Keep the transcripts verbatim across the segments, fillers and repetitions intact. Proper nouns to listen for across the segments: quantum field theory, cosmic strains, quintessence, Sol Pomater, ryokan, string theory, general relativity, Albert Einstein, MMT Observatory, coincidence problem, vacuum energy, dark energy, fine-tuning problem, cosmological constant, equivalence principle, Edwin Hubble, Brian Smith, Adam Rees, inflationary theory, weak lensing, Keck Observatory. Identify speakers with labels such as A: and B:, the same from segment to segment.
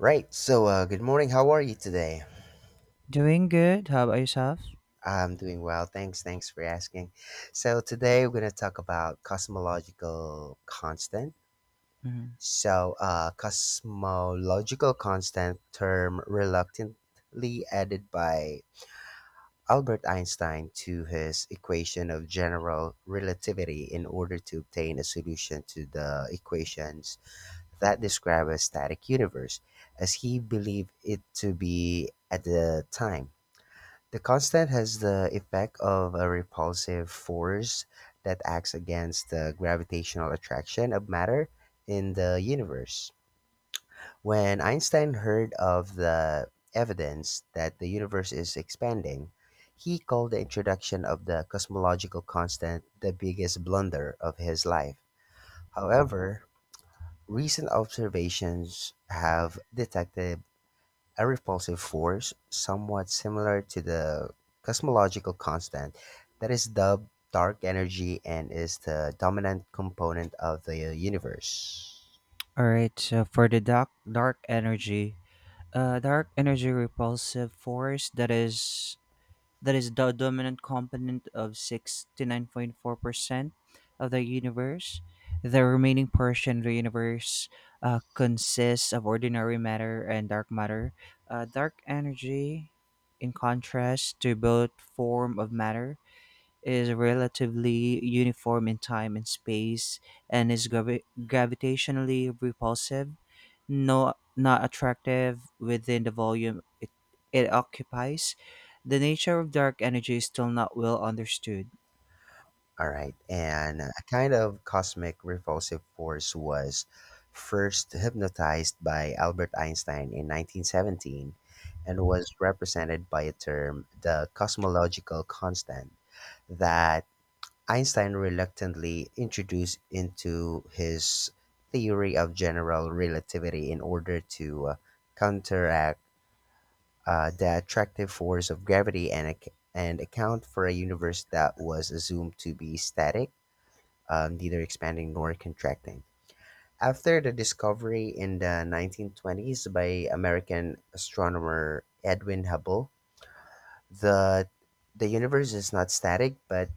A: Right. So, uh, good morning. How are you today?
B: Doing good. How about yourself?
A: I'm doing well. Thanks. Thanks for asking. So, today we're going to talk about cosmological constant.
B: Mhm.
A: So, uh, Cosmological constant term reluctantly added by Albert Einstein to his equation of general relativity in order to obtain a solution to the equations that describe a static universe, as he believed it to be at the time. The constant has the effect of a repulsive force that acts against the gravitational attraction of matter in the universe. When Einstein heard of the evidence that the universe is expanding, he called the introduction of the cosmological constant the biggest blunder of his life. However, recent observations have detected a repulsive force, somewhat similar to the cosmological constant that is dubbed dark energy and is the dominant component of the universe.
B: All right. So for the dark dark energy, uh, dark energy repulsive force that is that is the dominant component of sixty nine point four percent of the universe. The remaining portion of the universe uh, consists of ordinary matter and dark matter. Uh, dark energy, in contrast to both form of matter, is relatively uniform in time and space and is gravi- gravitationally repulsive, no, not attractive within the volume it, it occupies. The nature of dark energy is still not well understood.
A: All right, and a kind of cosmic repulsive force was first hypnotized by Albert Einstein in nineteen seventeen and was represented by a term, the cosmological constant, that Einstein reluctantly introduced into his theory of general relativity in order to uh, counteract uh, the attractive force of gravity and, ac- and account for a universe that was assumed to be static, uh, neither expanding nor contracting. After the discovery in the nineteen twenties by American astronomer Edwin Hubble, the the universe is not static but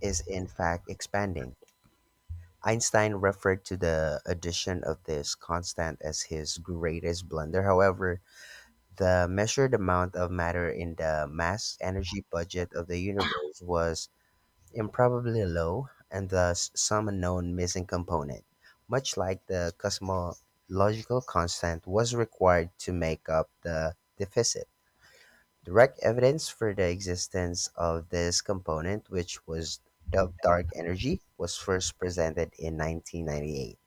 A: is in fact expanding. Einstein referred to the addition of this constant as his greatest blunder. However, the measured amount of matter in the mass energy budget of the universe was improbably low and thus some unknown missing component, much like the cosmological constant, was required to make up the deficit. Direct evidence for the existence of this component, which was dubbed dark energy, was first presented in nineteen ninety-eight.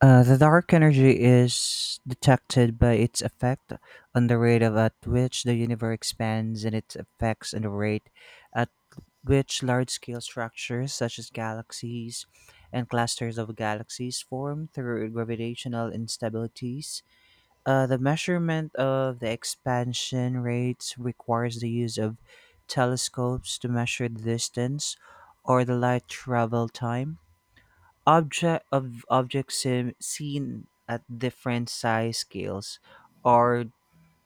B: Uh, the dark energy is detected by its effect on the rate of at which the universe expands and its effects on the rate at which large scale structures such as galaxies and clusters of galaxies form through gravitational instabilities. Uh, the measurement of the expansion rates requires the use of telescopes to measure the distance or the light travel time object of objects seen seen at different size scales are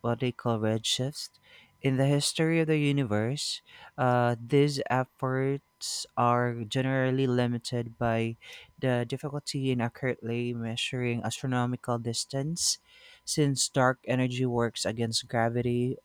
B: what they call redshift. In the history of the universe, uh, these efforts are generally limited by the difficulty in accurately measuring astronomical distance, since dark energy works against gravity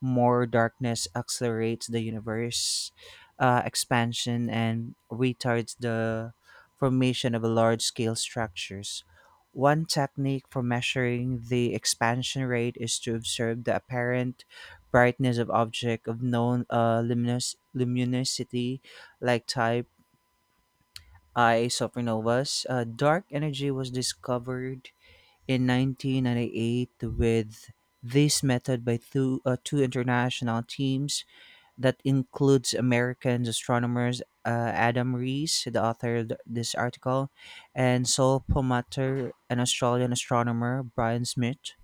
B: more darkness accelerates the universe uh, expansion and retards the formation of large scale structures. One technique for measuring the expansion rate is to observe the apparent brightness of object of known uh, luminous, luminosity like type I supernovas. Uh, dark energy was discovered in nineteen ninety-eight with this method by two, uh, two international teams that includes American astronomers uh, Adam Rees, the author of th- this article, and Sol Pomater, an Australian astronomer, Brian Smith.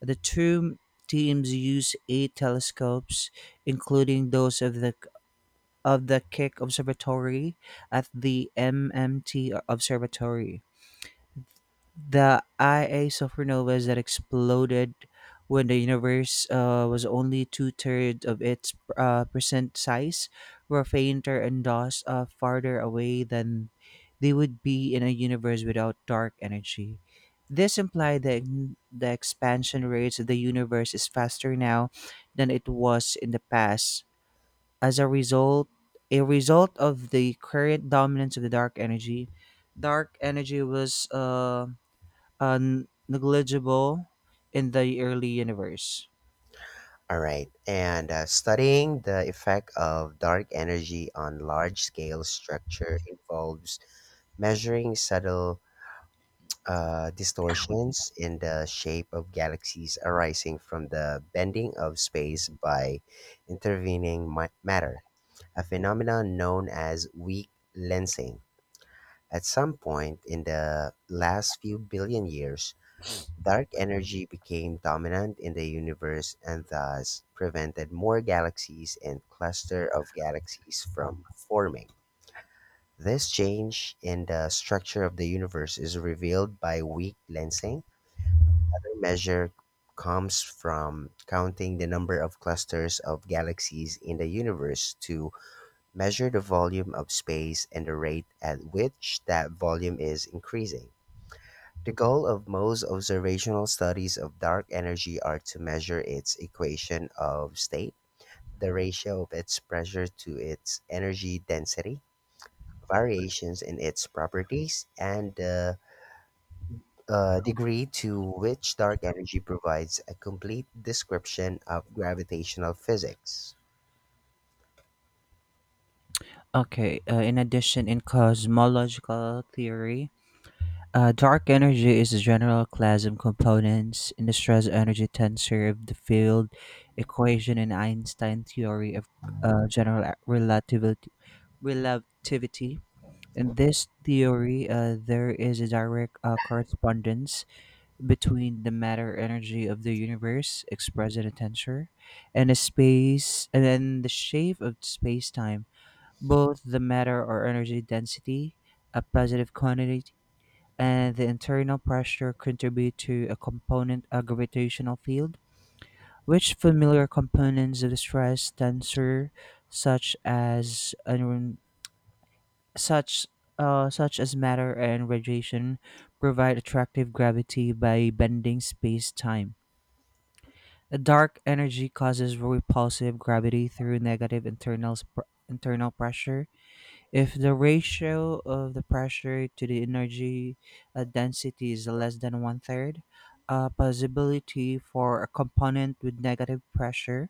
B: The two teams use eight telescopes, including those of the of the Keck Observatory at the M M T Observatory the Ia supernovas that exploded when the universe uh, was only two thirds of its uh, percent size were fainter and thus uh, farther away than they would be in a universe without dark energy. This implied that the expansion rates of the universe is faster now than it was in the past. As a result, a result of the current dominance of the dark energy, dark energy was uh, uh, n- negligible in the early universe.
A: All right. And uh, Studying the effect of dark energy on large scale structure involves measuring subtle uh, distortions in the shape of galaxies arising from the bending of space by intervening ma- matter, a phenomenon known as weak lensing. At some point in the last few billion years, dark energy became dominant in the universe and thus prevented more galaxies and clusters of galaxies from forming. This change in the structure of the universe is revealed by weak lensing. Another measure comes from counting the number of clusters of galaxies in the universe to measure the volume of space and the rate at which that volume is increasing. The goal of most observational studies of dark energy are to measure its equation of state, the ratio of its pressure to its energy density, variations in its properties, and the uh, degree to which dark energy provides a complete description of gravitational physics.
B: Okay, uh, in addition, in cosmological theory, uh, dark energy is a general class of components in the stress energy tensor of the field equation in Einstein's theory of uh, general relativity. relativity. In this theory, uh, there is a direct uh, correspondence between the matter energy of the universe expressed in a tensor and a space and then the shape of space-time, both the matter or energy density, a positive quantity, and the internal pressure contribute to a component a gravitational field which familiar components of the stress tensor, such as un- such uh, such as matter and radiation, provide attractive gravity by bending space-time. A dark energy causes repulsive gravity through negative internal sp- internal pressure. If the ratio of the pressure to the energy uh, density is less than one third, a possibility for a component with negative pressure,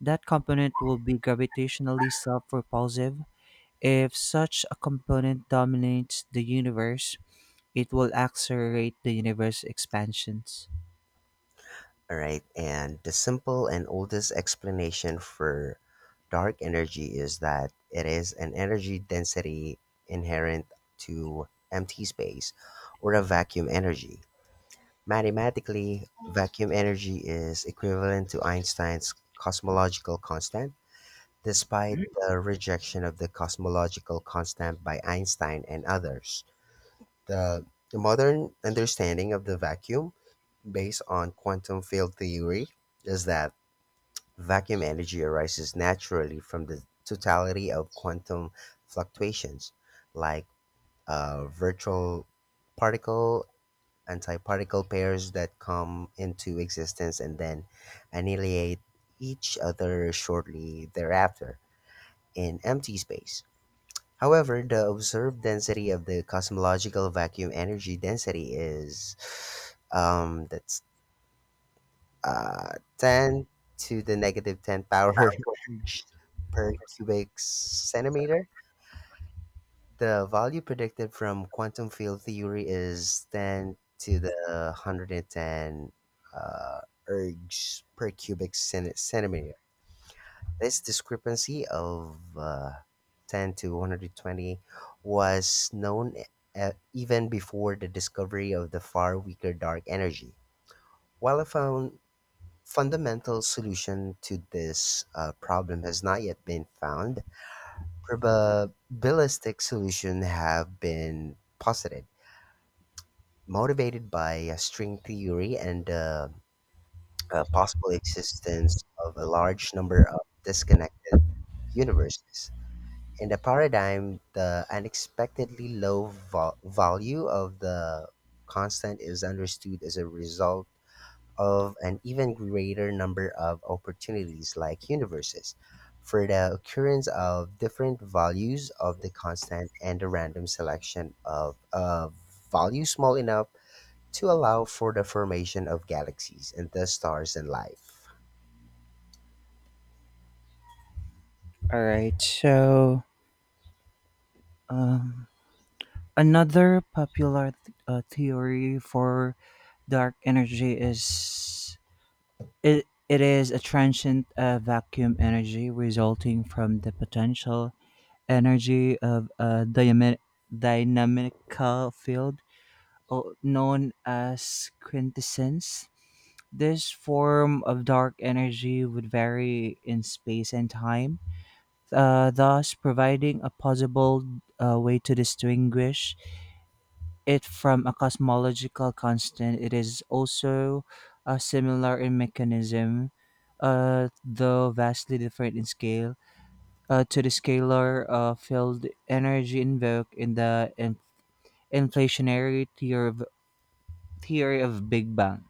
B: that component will be gravitationally self-repulsive. If such a component dominates the universe, it will accelerate the universe expansions.
A: All right, and the simple and oldest explanation for dark energy is that it is an energy density inherent to empty space or a vacuum energy. Mathematically, vacuum energy is equivalent to Einstein's cosmological constant, despite the rejection of the cosmological constant by Einstein and others. The modern understanding of the vacuum, based on quantum field theory, is that vacuum energy arises naturally from the totality of quantum fluctuations, like uh, virtual particle antiparticle pairs that come into existence and then annihilate each other shortly thereafter in empty space. However, the observed density of the cosmological vacuum energy density is um, that's uh, ten to the negative ten power per cubic centimeter. The value predicted from quantum field theory is ten to the one hundred ten uh, ergs per cubic centi- centimeter. This discrepancy of uh, ten to one hundred twenty was known uh, even before the discovery of the far weaker dark energy. While a, found, fundamental solution to this uh, problem has not yet been found. Probabilistic solutions have been posited, motivated by uh, string theory and the uh, possible existence of a large number of disconnected universes. In the paradigm, the unexpectedly low vol- value of the constant is understood as a result of an even greater number of opportunities like universes for the occurrence of different values of the constant and the random selection of a value small enough to allow for the formation of galaxies and thus stars and life.
B: All right. So another popular th- uh, theory for dark energy is it, it is a transient uh, vacuum energy resulting from the potential energy of a dynamic, dynamical field o- known as quintessence. This form of dark energy would vary in space and time, uh, thus providing a possible uh, way to distinguish it from a cosmological constant. It is also uh, similar in mechanism, uh, though vastly different in scale, uh, to the scalar uh, field energy invoked in the in- inflationary theory of, theory of Big Bang.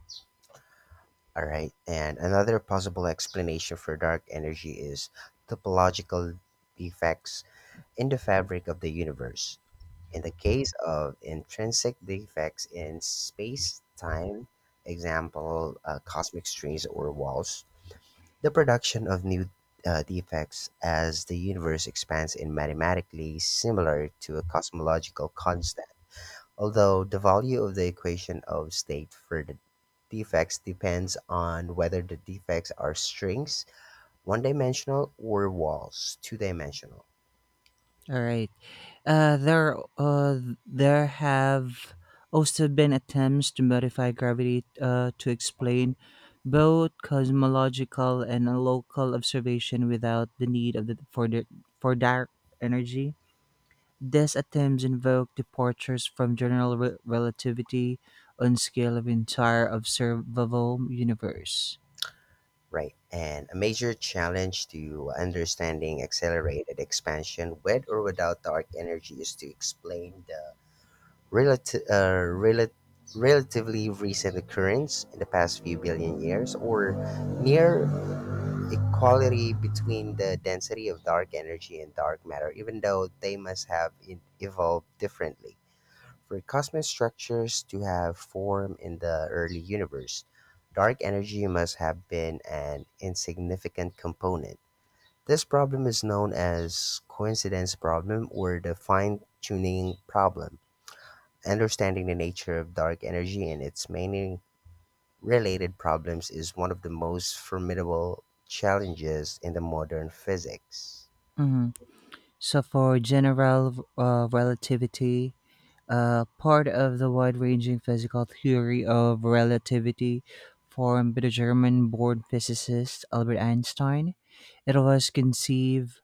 A: All right, and another possible explanation for dark energy is topological defects in the fabric of the universe. In the case of intrinsic defects in space-time, example uh, cosmic strains or walls, the production of new uh, defects as the universe expands is mathematically similar to a cosmological constant, although the value of the equation of state for the defects depends on whether the defects are strings, one-dimensional, or walls, two-dimensional.
B: All right. Uh, there, uh, there have also been attempts to modify gravity uh, to explain both cosmological and local observation without the need of the for the, for dark energy. These attempts invoke departures from general re- relativity on scale of entire observable universe.
A: Right. And a major challenge to understanding accelerated expansion with or without dark energy is to explain the relati- uh, rela- relatively recent occurrence in the past few billion years or near equality between the density of dark energy and dark matter, even though they must have in- evolved differently. For cosmic structures to have form in the early universe, dark energy must have been an insignificant component. This problem is known as coincidence problem or the fine-tuning problem. Understanding the nature of dark energy and its many related problems is one of the most formidable challenges in the modern physics.
B: Mhm. So, for general uh, relativity, uh, part of the wide ranging physical theory of relativity formed by the German born physicist Albert Einstein, it was conceived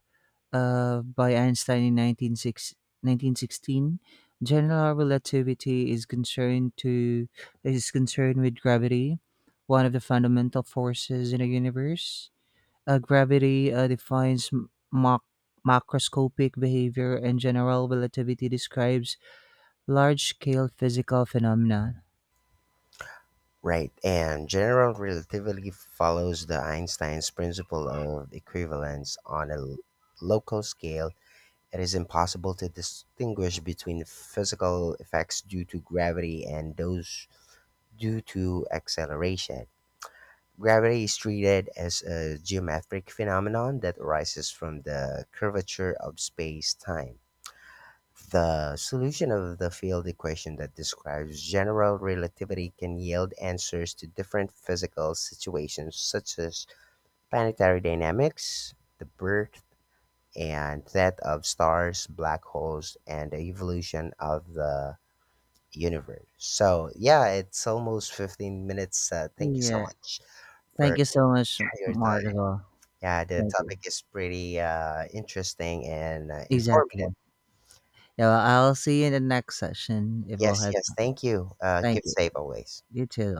B: uh, by Einstein in nineteen six nineteen sixteen. General relativity is concerned to is concerned with gravity, one of the fundamental forces in the universe. Uh, gravity uh, defines m- mac- macroscopic behavior, and general relativity describes large scale physical phenomena.
A: Right, and general relativity follows the Einstein's principle of equivalence on a l- local scale. It is impossible to distinguish between physical effects due to gravity and those due to acceleration. Gravity is treated as a geometric phenomenon that arises from the curvature of space time. The solution of the field equation that describes general relativity can yield answers to different physical situations such as planetary dynamics, the birth and death of stars, black holes, and the evolution of the universe. So, yeah, it's almost fifteen minutes. Uh, thank you so
B: Yeah.
A: much for
B: Thank you so much,
A: your
B: Mark,
A: time.
B: as well.
A: Yeah, the
B: Thank you.
A: topic is pretty uh, interesting and uh,
B: Exactly.
A: informative.
B: Yeah, well, I'll see you in the next session if we'll
A: Yes,
B: have.
A: yes, thank you. Uh, keep
B: Thank you.
A: safe always.
B: You too.